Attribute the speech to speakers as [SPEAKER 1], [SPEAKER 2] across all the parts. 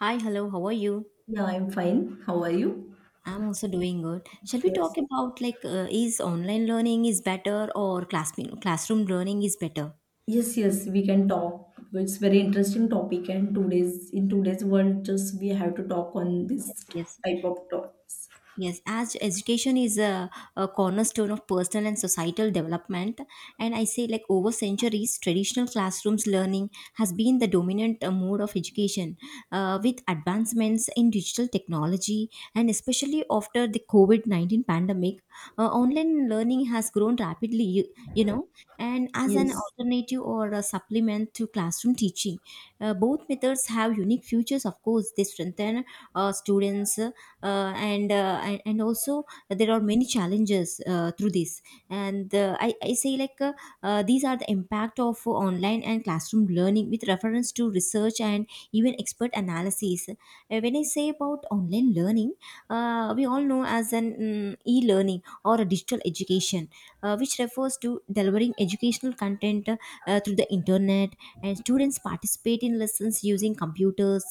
[SPEAKER 1] Hi, hello, how are you?
[SPEAKER 2] Yeah, I'm fine. How are you?
[SPEAKER 1] I'm also doing good. Shall we talk
[SPEAKER 2] Yes.
[SPEAKER 1] about like is online learning is better or classroom learning is better?
[SPEAKER 2] Yes, yes, we can talk. It's very interesting topic and today's in today's world just we have to talk on this
[SPEAKER 1] Yes, yes.
[SPEAKER 2] type of topics.
[SPEAKER 1] Yes, as education is a cornerstone of personal and societal development, and I say like over centuries, traditional classrooms learning has been the dominant mode of education. With advancements in digital technology, and especially after the COVID 19 pandemic, online learning has grown rapidly, you know, and as an
[SPEAKER 2] Yes.
[SPEAKER 1] alternative or a supplement to classroom teaching. Both methods have unique futures, of course, they strengthen students and also there are many challenges through this and I say like these are the impact of online and classroom learning with reference to research and even expert analysis. When I say about online learning, we all know as an e-learning or a digital education which refers to delivering educational content through the internet and students participate in lessons using computers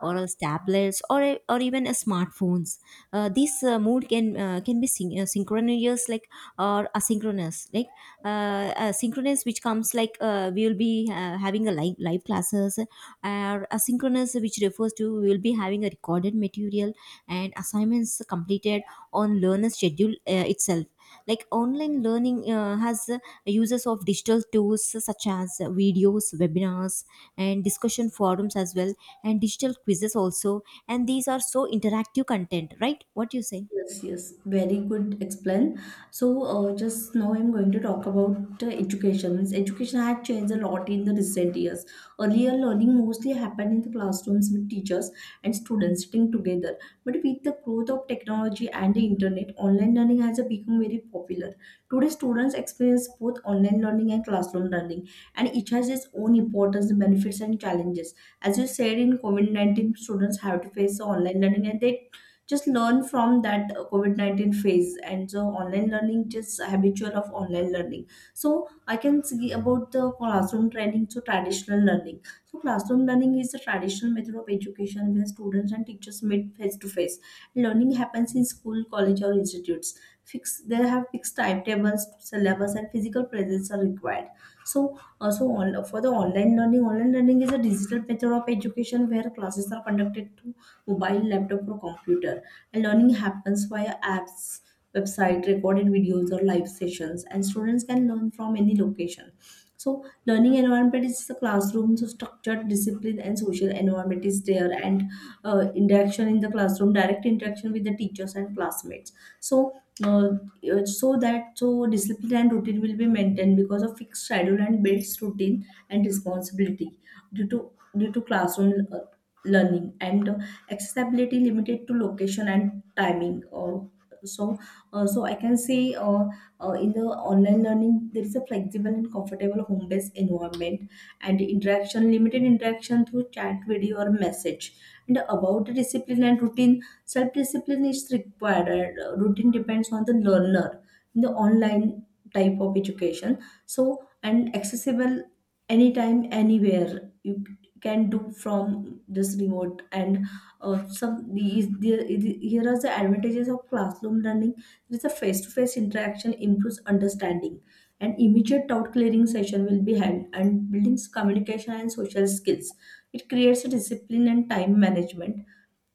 [SPEAKER 1] or as tablets or or even as smartphones. This mood can be synchronous like or asynchronous like, uh, synchronous which comes like we will be having a live classes or asynchronous which refers to we will be having a recorded material and assignments completed on learner schedule itself, like online learning has uses of digital tools such as videos, webinars, and discussion forums as well, and digital quizzes also, and these are so interactive content, right? What do you say?
[SPEAKER 2] Yes, yes, very good explain. Just now I'm going to talk about education. Means education had changed a lot in the recent years. Earlier, learning mostly happened in the classrooms with teachers and students sitting together. But with the growth of technology and the internet, online learning has become very popular. Today, students experience both online learning and classroom learning, and each has its own importance, benefits, and challenges. As you said, in COVID 19, students have to face the online learning and they just learn from that covid-19 phase, and so online learning just habitual of online learning. So I can see about the classroom training, so traditional learning. So classroom learning is a traditional method of education where students and teachers meet face to face. Learning happens in school, college, or institutes. Fix, they have fixed timetables, syllabus, and physical presence are required. So also on, for the online learning, online learning is a digital method of education where classes are conducted through mobile, laptop, or computer, and learning happens via apps, website, recorded videos, or live sessions. And students can learn from any location. So learning environment is the classroom. So structured, discipline, and social environment is there, and interaction in the classroom, direct interaction with the teachers and classmates. So uh, so that, so discipline and routine will be maintained because of fixed schedule and builds routine and responsibility due to due to classroom learning, and accessibility limited to location and timing or so. So I can say, in the online learning there is a flexible and comfortable home based environment, and interaction, limited interaction through chat, video, or message. And about the discipline and routine, self discipline is required, and routine depends on the learner in the online type of education. So and accessible anytime, anywhere, you can do from this remote. And some these there, here are the advantages of classroom learning. There is a face-to-face interaction improves understanding. An immediate doubt clearing session will be held, and buildings communication and social skills. It creates a discipline and time management,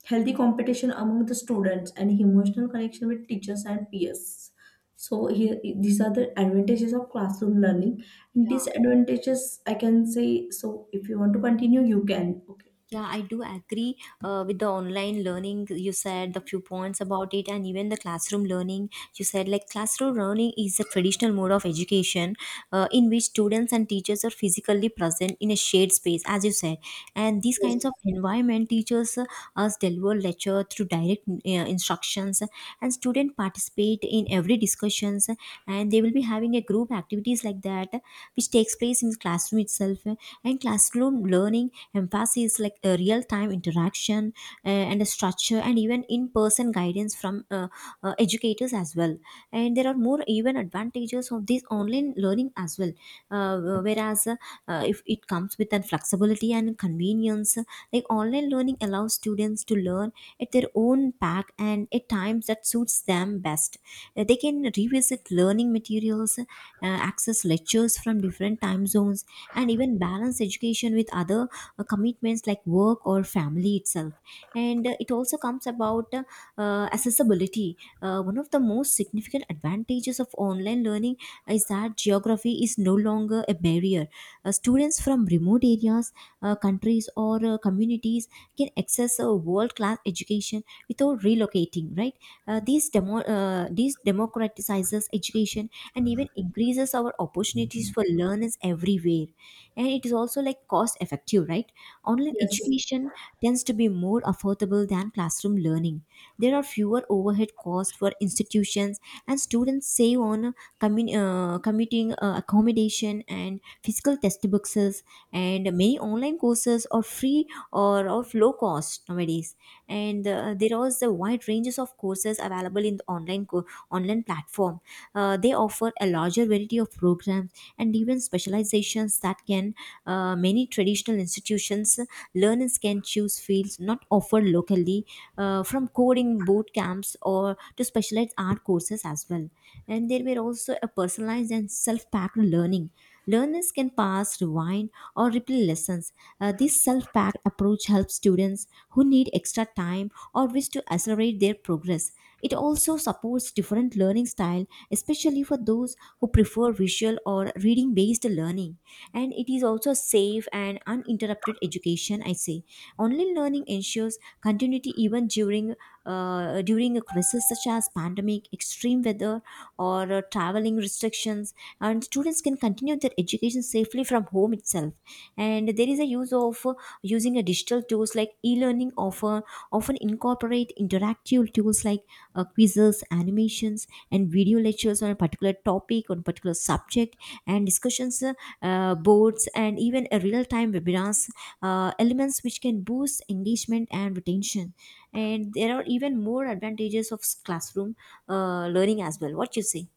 [SPEAKER 2] healthy competition among the students, and emotional connection with teachers and peers. So here these are the advantages of classroom learning. And disadvantages I can say, so if you want to continue you can. Okay.
[SPEAKER 1] Yeah, I do agree with the online learning. You said the few points about it, and even the classroom learning. You said like classroom learning is a traditional mode of education in which students and teachers are physically present in a shared space, as you said. And these kinds
[SPEAKER 2] Yes,
[SPEAKER 1] of environment teachers us deliver lecture through direct instructions, and students participate in every discussions and they will be having a group activities like that which takes place in the classroom itself, and classroom learning emphasis like a real time interaction and a structure and even in person guidance from educators as well, and there are more even advantages of this online learning as well, whereas if it comes with an flexibility and convenience, like online learning allows students to learn at their own pack and at times that suits them best. Uh, they can revisit learning materials, access lectures from different time zones, and even balance education with other commitments like work or family itself. And it also comes about accessibility. One of the most significant advantages of online learning is that geography is no longer a barrier. Students from remote areas, countries, or communities can access a world-class education without relocating, right? These democratizes education and even increases our opportunities for learners everywhere. And it is also like cost-effective, right? Online
[SPEAKER 2] yes.
[SPEAKER 1] education tends to be more affordable than classroom learning. There are fewer overhead costs for institutions, and students save on commuting, accommodation, and physical textbooks, and many online courses are free or of low cost nowadays. And there was a wide ranges of courses available in the online online platform. They offer a larger variety of programs and even specializations that can and many traditional institutions, learners can choose fields not offered locally, from coding boot camps or to specialized art courses as well. And there were also a personalized and self-packed learning. Learners can pause, rewind, or replay lessons. This self-packed approach helps students who need extra time or wish to accelerate their progress. It also supports different learning style, especially for those who prefer visual or reading based learning. And it is also safe and uninterrupted education, I say. Online learning ensures continuity even during a crisis such as pandemic, extreme weather, or traveling restrictions, and students can continue their education safely from home itself. And there is a use of using a digital tools like e-learning offer often incorporate interactive tools like quizzes, animations, and video lectures on a particular topic, on particular subject, and discussions, boards, and even a real-time webinars, elements which can boost engagement and retention. And there are even more advantages of classroom learning as well. What you say?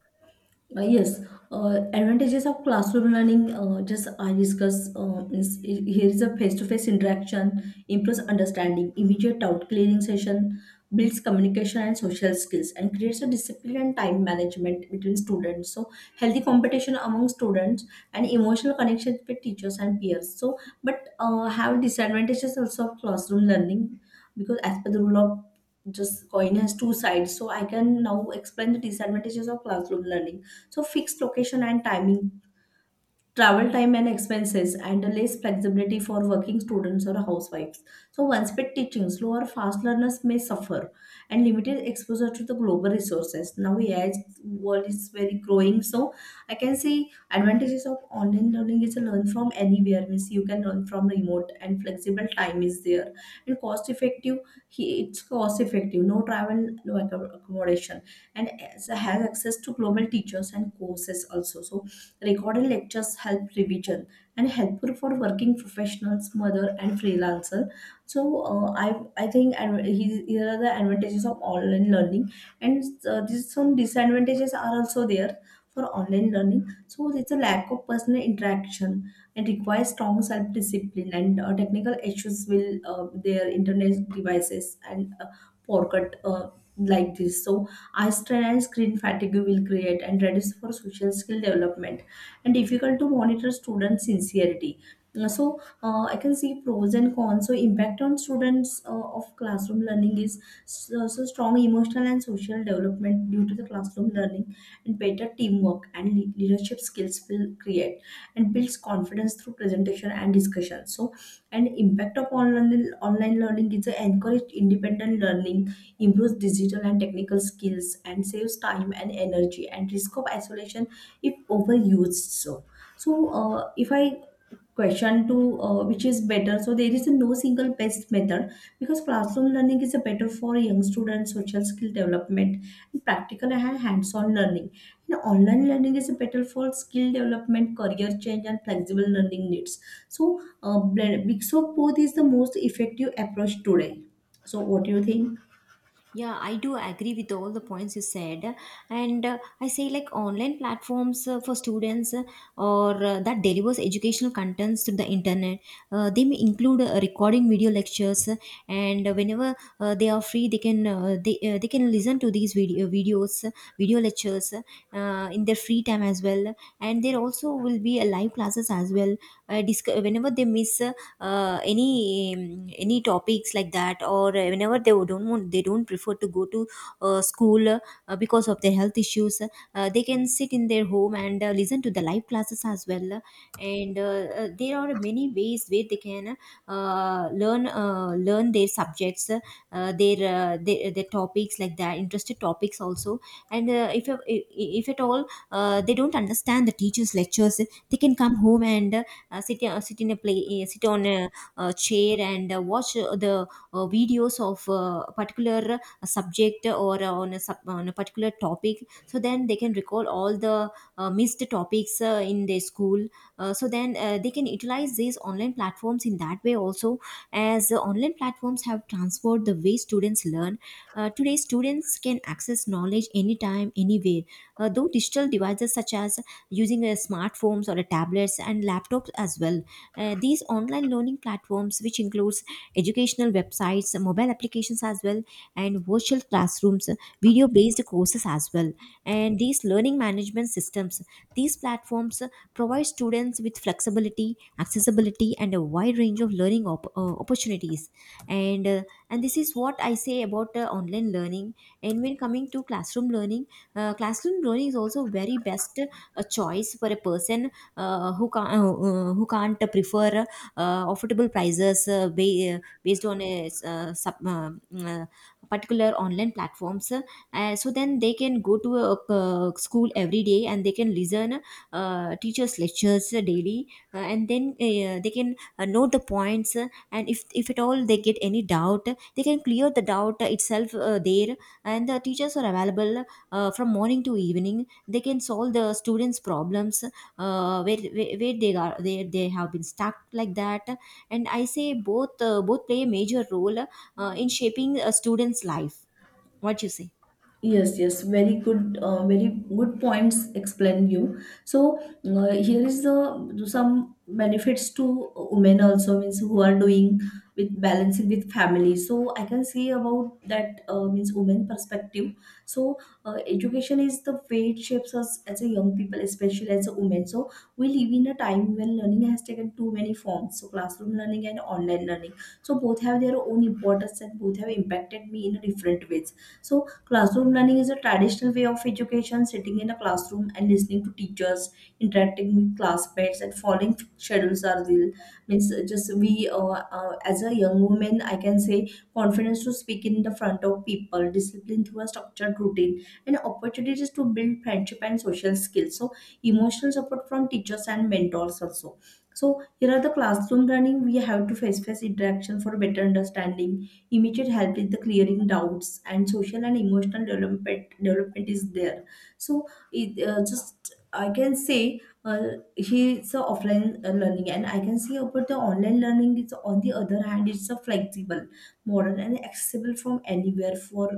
[SPEAKER 2] Uh, yes, advantages of classroom learning. Just I discuss. Is, here is a face-to-face interaction, improves understanding, immediate doubt clearing session, builds communication and social skills, and creates a discipline and time management between students. So healthy competition among students and emotional connections with teachers and peers. So, but have disadvantages also of classroom learning, because as per the rule of just coin has two sides. So I can now explain the disadvantages of classroom learning. So fixed location and timing, travel time and expenses, and less flexibility for working students or housewives. So one speed teaching, slow or fast learners may suffer, and limited exposure to the global resources. Now AI is- world is very growing. So I can see advantages of online learning is to learn from anywhere. Means you can learn from remote and flexible time is there and cost effective. He- It's cost effective, no travel, no accom- accommodation, and as- has access to global teachers and courses also. So recorded lectures help revision and helpful for working professionals, mother and freelancer. So I think, and he- here are the advantages of online learning, and these some disadvantages are also there for online learning. So it's a lack of personal interaction and requires strong self discipline, and technical issues will their internet devices, and poor cut like this. So eye strain and screen fatigue will create and reduce for social skill development, and difficult to monitor student sincerity. I can see pros and cons. So impact on students of classroom learning is, so strong emotional and social development due to the classroom learning, and better teamwork and le- leadership skills will create, and builds confidence through presentation and discussion. So and impact of online learning is a encourage independent learning, improves digital and technical skills, and saves time and energy, and risk of isolation if overused. So if I question to which is better, so there is a no single best method, because classroom learning is a better for young students social skill development and practical and hands-on learning, and online learning is better for skill development, career change, and flexible learning needs. So blend- mix of both is the most effective approach today. So what do you think?
[SPEAKER 1] Yeah, I do agree with all the points you said. And I say like online platforms for students or that delivers educational contents through the internet. They may include recording video lectures, and whenever they are free, they can they can listen to these video videos, video lectures in their free time as well, and there also will be a live classes as well, whenever they miss any topics like that, or whenever they don't want, they don't prefer to go to school because of their health issues, they can sit in their home and listen to the live classes as well, and there are many ways where they can learn their subjects, their topics like that, interested topics also, and if if at all they don't understand the teacher's lectures, they can come home and sit on a, chair, and watch the videos of a particular subject, or on a particular topic, so then they can recall all the missed topics in their school, so then they can utilize these online platforms in that way also, as online platforms have transformed the way students learn. Uh, today, students can access knowledge anytime, anywhere. Though digital devices such as using smartphones or tablets and laptops as well, these online learning platforms, which includes educational websites, mobile applications as well, and virtual classrooms, video-based courses as well, and these learning management systems, these platforms provide students with flexibility, accessibility, and a wide range of learning opportunities, and uh, and this is what I say about online learning. And when coming to classroom learning, classroom learning is also very best choice for a person who can't prefer affordable prices ba- based on a sub, uh, particular online platforms, so then they can go to a, school every day and they can listen teachers lectures daily, and then they can note the points, and if at all they get any doubt they can clear the doubt itself there, and the teachers are available from morning to evening, they can solve the students problems, where they are they have been stuck like that. And I say both both play a major role in shaping a student's life. What you say?
[SPEAKER 2] Yes, yes, very good, very good points explain you. So here is the some benefits to women also, means who are doing with balancing with family. So I can say about that, means women perspective. So education is the way it shapes us as a young people, especially as a woman. So we live in a time when learning has taken too many forms. So classroom learning and online learning. So both have their own importance, and both have impacted me in a different ways. So classroom learning is a traditional way of education, sitting in a classroom and listening to teachers, interacting with classmates, and following schedules are real. Means uh, just we, uh, as a young woman, I can say confidence to speak in the front of people, discipline through a structured routine, and opportunities to build friendship and social skills. So emotional support from teachers and mentors also. So here are the classroom learning. We have to face face interaction for better understanding, immediate help in the clearing doubts, and social and emotional development is there. So it uh, just I can say uh, he's a offline learning, and I can say about the online learning is, on the other hand it's a flexible, modern, and accessible from anywhere. For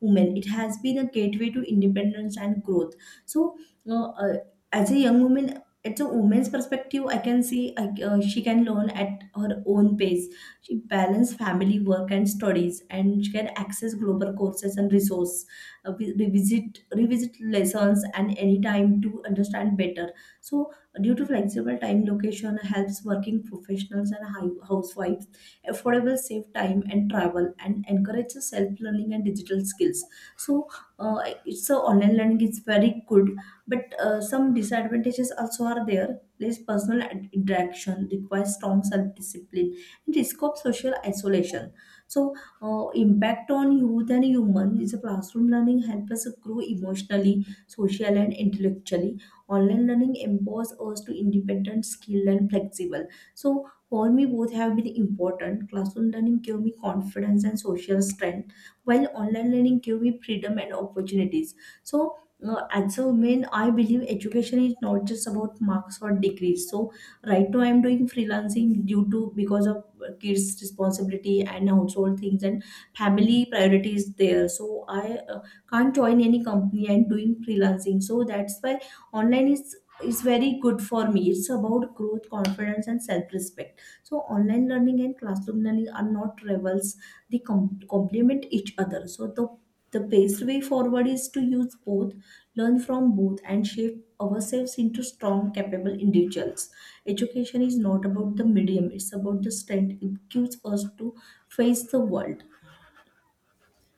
[SPEAKER 2] women it has been a gateway to independence and growth. So uh, uh, as a young woman, it's a woman's perspective I can see. She can learn at her own pace, she balances family, work, and studies, and she can access global courses and resource, revisit lessons and any time to understand better. So due to flexible time, location helps working professionals and hi- housewives, affordable, safe time and travel, and encourages self-learning and digital skills. So uh, it's a online learning is very good, but some disadvantages also are there, less personal ad- interaction, requires strong self-discipline, and risk of social isolation. So impact on youth and human is a classroom learning help us grow emotionally, social, and intellectually. Online learning empowers us to independent, skilled, and flexible. So for me both have been important. Classroom learning gave me confidence and social strength, while online learning gave me freedom and opportunities. So as a woman I believe education is not just about marks or degrees. So right now I'm doing freelancing due to, because of kids responsibility and household things and family priorities there. So i uh, can't join any company and doing freelancing, so that's why online is very good for me. It's about growth, confidence, and self respect. So, online learning and classroom learning are not rivals, they com- complement each other. So, the best way forward is to use both, learn from both, and shape ourselves into strong, capable individuals. Education is not about the medium, it's about the strength it gives us to face the world.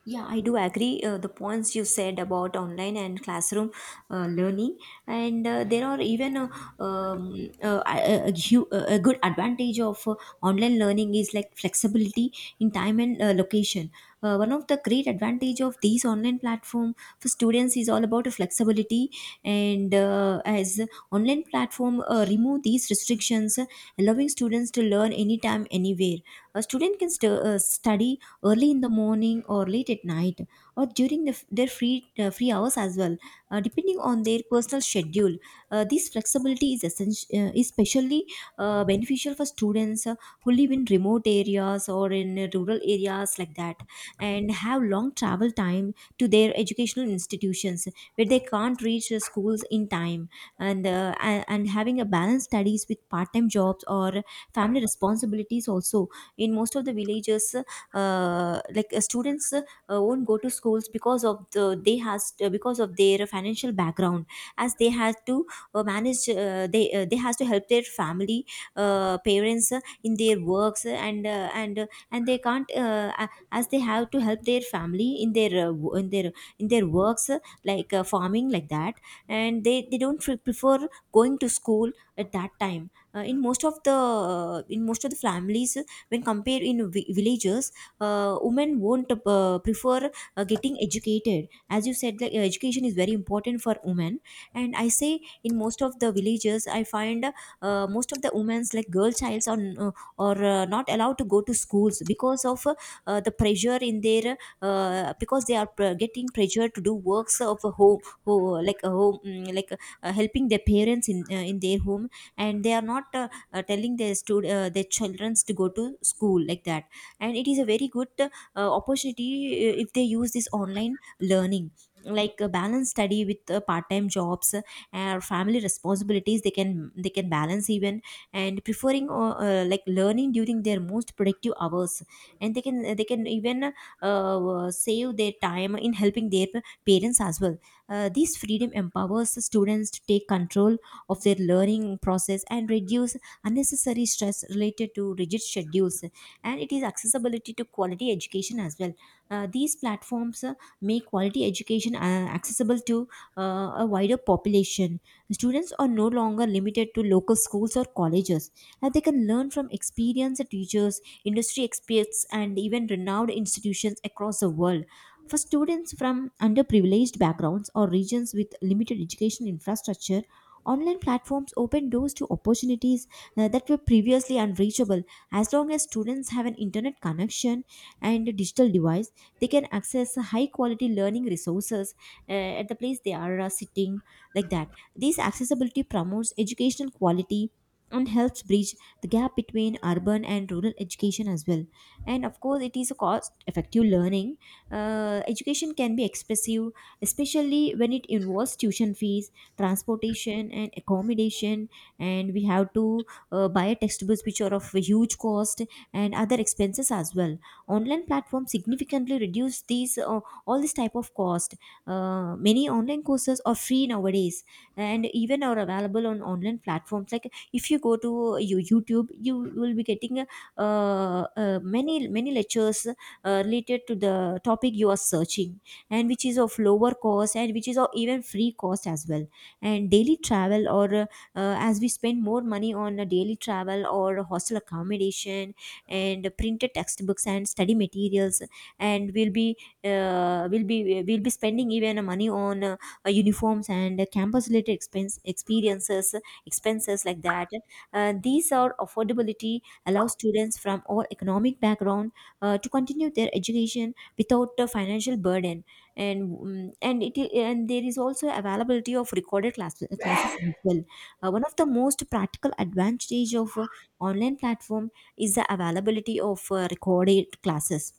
[SPEAKER 1] Yeah, I do agree the points you said about online and classroom learning, and there are even um, a good advantage of online learning is like flexibility in time and location. One of the great advantage of these online platform for students is all about flexibility, and as online platform remove these restrictions, allowing students to learn anytime, anywhere. A student can study early in the morning or late at night or during their free hours as well, depending on their personal schedule. This flexibility is essential, especially beneficial for students who live in remote areas or in rural areas like that, and have long travel time to their educational institutions where they can't reach the schools in time. And having a balanced studies with part time jobs or family responsibilities also. In most of the villages, students won't go to schools because of the they has because of their financial background, as they had to manage. They has to help their family, parents, in their works, and they can't, as they have to help their family in their in their works, farming like that, and they don't prefer going to school at that time. In most of the families, when compared in villages, women won't prefer getting educated. As you said, like, education is very important for women, and I say in most of the villages I find, most of the women's like girl childs are, not allowed to go to schools because of, the pressure in their, because they are getting pressure to do works of a home, like a home, like helping their parents in, in their home, and they are not, telling their their children to go to school like that. And it is a very good, opportunity, if they use this online learning, like a balance study with, part-time jobs, or family responsibilities. They can balance even, and preferring, like learning during their most productive hours. And they can even, save their time in helping their parents as well. This freedom empowers the students to take control of their learning process and reduce unnecessary stress related to rigid schedules. And it is accessibility to quality education as well. These platforms, make quality education, accessible to, a wider population. Students are no longer limited to local schools or colleges. They can learn from experienced teachers, industry experts, and even renowned institutions across the world. For students from underprivileged backgrounds or regions with limited education infrastructure, online platforms open doors to opportunities that were previously unreachable. As long as students have an internet connection and a digital device, they can access high quality learning resources, at the place they are, sitting, like that. This accessibility promotes educational quality and helps bridge the gap between urban and rural education as well. And of course, it is a cost effective learning. Education can be expensive, especially when it involves tuition fees, transportation, and accommodation. And we have to, buy a textbooks which are of huge cost and other expenses as well. Online platforms significantly reduce these, all this type of cost. Many online courses are free nowadays and even are available on online platforms. Like if you go to YouTube, you will be getting, many lectures, related to the topic you are searching, and which is of lower cost and which is of even free cost as well. And daily travel or, as we spend more money on a daily travel or hostel accommodation and printed textbooks and study materials, and we'll be, we'll be spending even money on, uniforms and campus related expenses like that. These are affordability, allow students from all economic background, to continue their education without a financial burden. And mm, and it and there is also availability of recorded classes as well. One of the most practical advantage of, online platform is the availability of, recorded classes.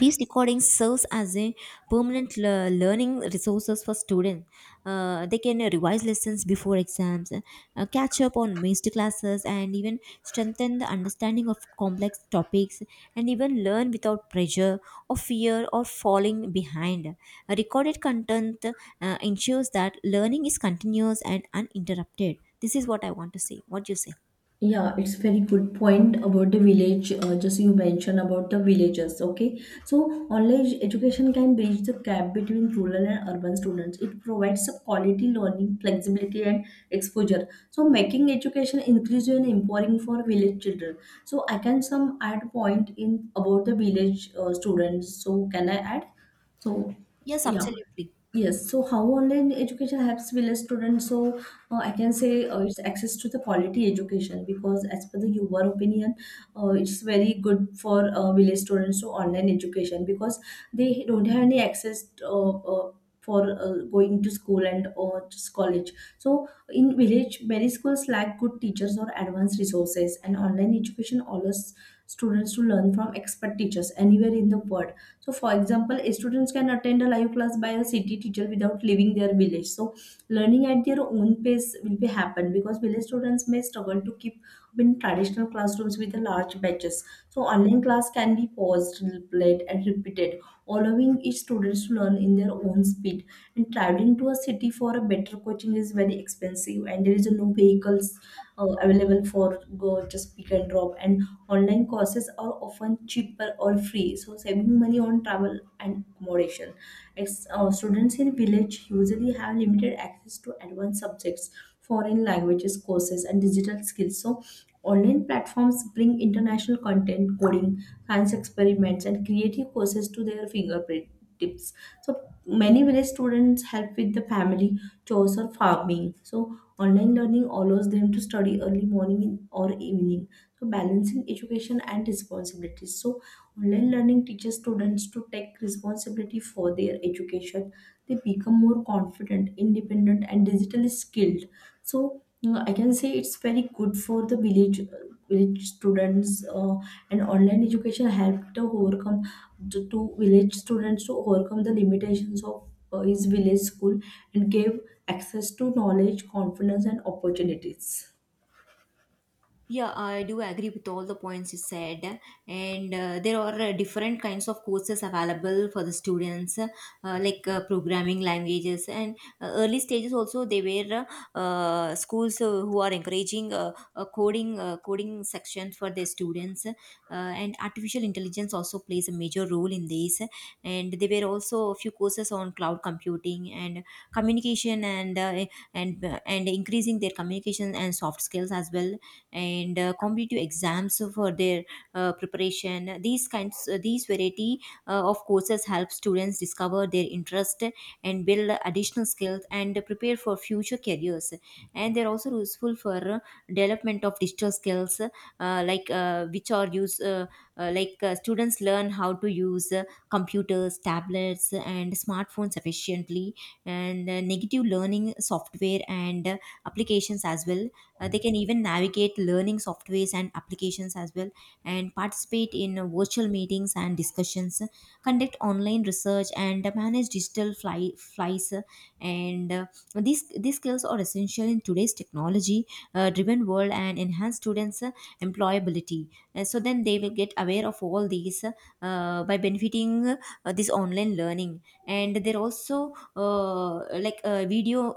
[SPEAKER 1] These recordings serves as a permanent learning resources for students. They can, revise lessons before exams, catch up on missed classes and even strengthen the understanding of complex topics, and even learn without pressure or fear or falling behind. Recorded content, ensures that learning is continuous and uninterrupted. This is what I want to say. What do you say?
[SPEAKER 2] Yeah, it's very good point about the village. Just you mentioned about the villages. Okay, so online education can bridge the gap between rural and urban students. It provides a quality learning, flexibility, and exposure. So making education inclusive and empowering for village children. So I can some add point in about the village students. So can I add? So
[SPEAKER 1] Yes,
[SPEAKER 2] yeah.
[SPEAKER 1] absolutely.
[SPEAKER 2] Yes, so how online education helps village students? So I can say it's access to the quality education, because as per the your opinion, it's very good for village students to online education, because they don't have any access, for going to school and or just college. So in village, many schools lack good teachers or advanced resources, and online education allows students to learn from expert teachers anywhere in the world. So, for example, students can attend a live class by a city teacher without leaving their village. So, learning at their own pace will be happen, because village students may struggle to keep up in traditional classrooms with the large batches. So, online class can be paused, replayed, and repeated, allowing each student to learn in their own speed. And traveling to a city for a better coaching is very expensive, and there is no vehicles available for go, just pick and drop. And online courses are often cheaper or free, so saving money on travel and accommodation. Ex- students in village usually have limited access to advanced subjects, foreign languages courses, and digital skills. So online platforms bring international content, coding, science experiments, and creative courses to their fingerprint tips. So many village students help with the family chores or farming. So online learning allows them to study early morning or evening, so balancing education and responsibilities. So online learning teaches students to take responsibility for their education, they become more confident, independent, and digitally skilled. So I can say it's very good for the village village students, uh, and online education helped to overcome, to village students to overcome the limitations of his village school, and gave access to knowledge, confidence, and opportunities.
[SPEAKER 1] Yeah, I do agree with all the points you said, and there are, different kinds of courses available for the students, programming languages and, early stages. Also, they were, schools, who are encouraging, a coding sections for their students, and artificial intelligence also plays a major role in this. And there were also a few courses on cloud computing and communication and, and increasing their communication and soft skills as well, and, competitive exams for their, preparation. These variety, of courses help students discover their interest and build additional skills and prepare for future careers. And they're also useful for development of digital skills, which are used, students learn how to use, computers, tablets, and smartphones efficiently, and, negative learning software and, applications as well. They can even navigate learning softwares and applications as well, and participate in, virtual meetings and discussions, conduct online research and, manage digital flies. And these skills are essential in today's technology, driven world and enhance students', employability. And so then they will get aware of all these, by benefiting, this online learning. And they're also, video.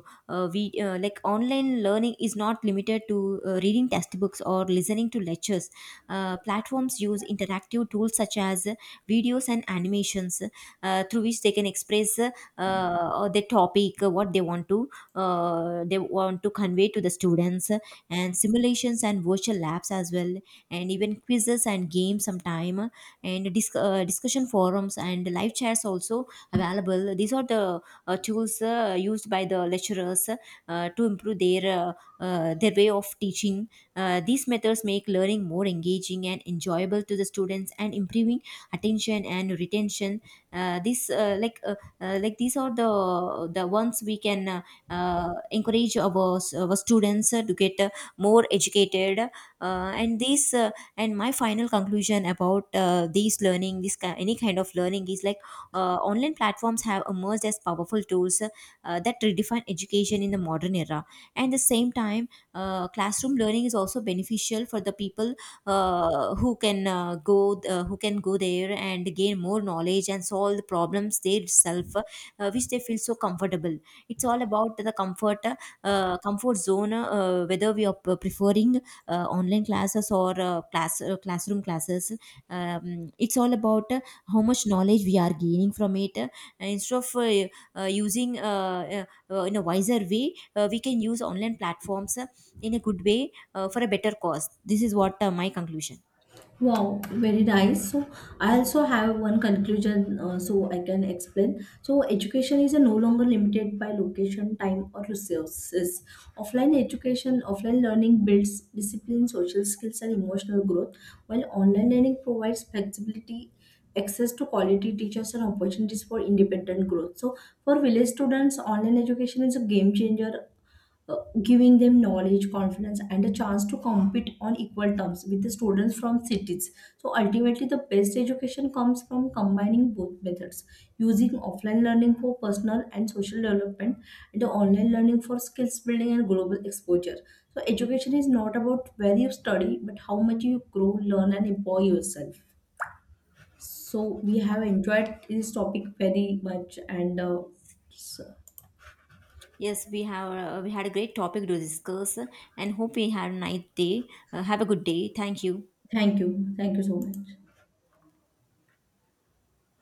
[SPEAKER 1] We Like online learning is not limited to, reading textbooks or listening to lectures. Platforms use interactive tools such as, videos and animations, through which they can express, the topic, what they want to convey to the students, and simulations and virtual labs as well, and even quizzes and games sometime, and discussion forums and live chats also available. These are the, tools, used by the lecturers, to improve their, their way of teaching. These methods make learning more engaging and enjoyable to the students and improving attention and retention. This like these are the ones we can, encourage our students, to get, more educated, and these uh, and my final conclusion about, these learning this ki- any kind of learning is like, online platforms have emerged as powerful tools, that redefine education in the modern era. And the same time, classroom learning is also beneficial for the people, who can go who can go there and gain more knowledge and solve the problems they itself, which they feel so comfortable. It's all about the comfort zone, whether we are preferring, online classes or, classroom classes. It's all about how much knowledge we are gaining from it, instead of, using in a wiser way, we can use online platforms, in a good way, for a better cause. This is what, my conclusion.
[SPEAKER 2] Wow, very nice. So, I also have one conclusion so I can explain. So, education is no longer limited by location, time, or resources. Offline education, offline learning builds discipline, social skills, and emotional growth, while online learning provides flexibility, access to quality teachers, and opportunities for independent growth. So, for village students, online education is a game changer, uh, giving them knowledge, confidence, and a chance to compete on equal terms with the students from cities. So ultimately, the best education comes from combining both methods, using offline learning for personal and social development, and the online learning for skills building and global exposure. So education is not about where you study, but how much you grow, learn, and empower yourself. So we have enjoyed this topic very much, and so
[SPEAKER 1] Yes, we have, we had a great topic to discuss, and hope we had a nice day. Have a good day. Thank you.
[SPEAKER 2] thank you so much.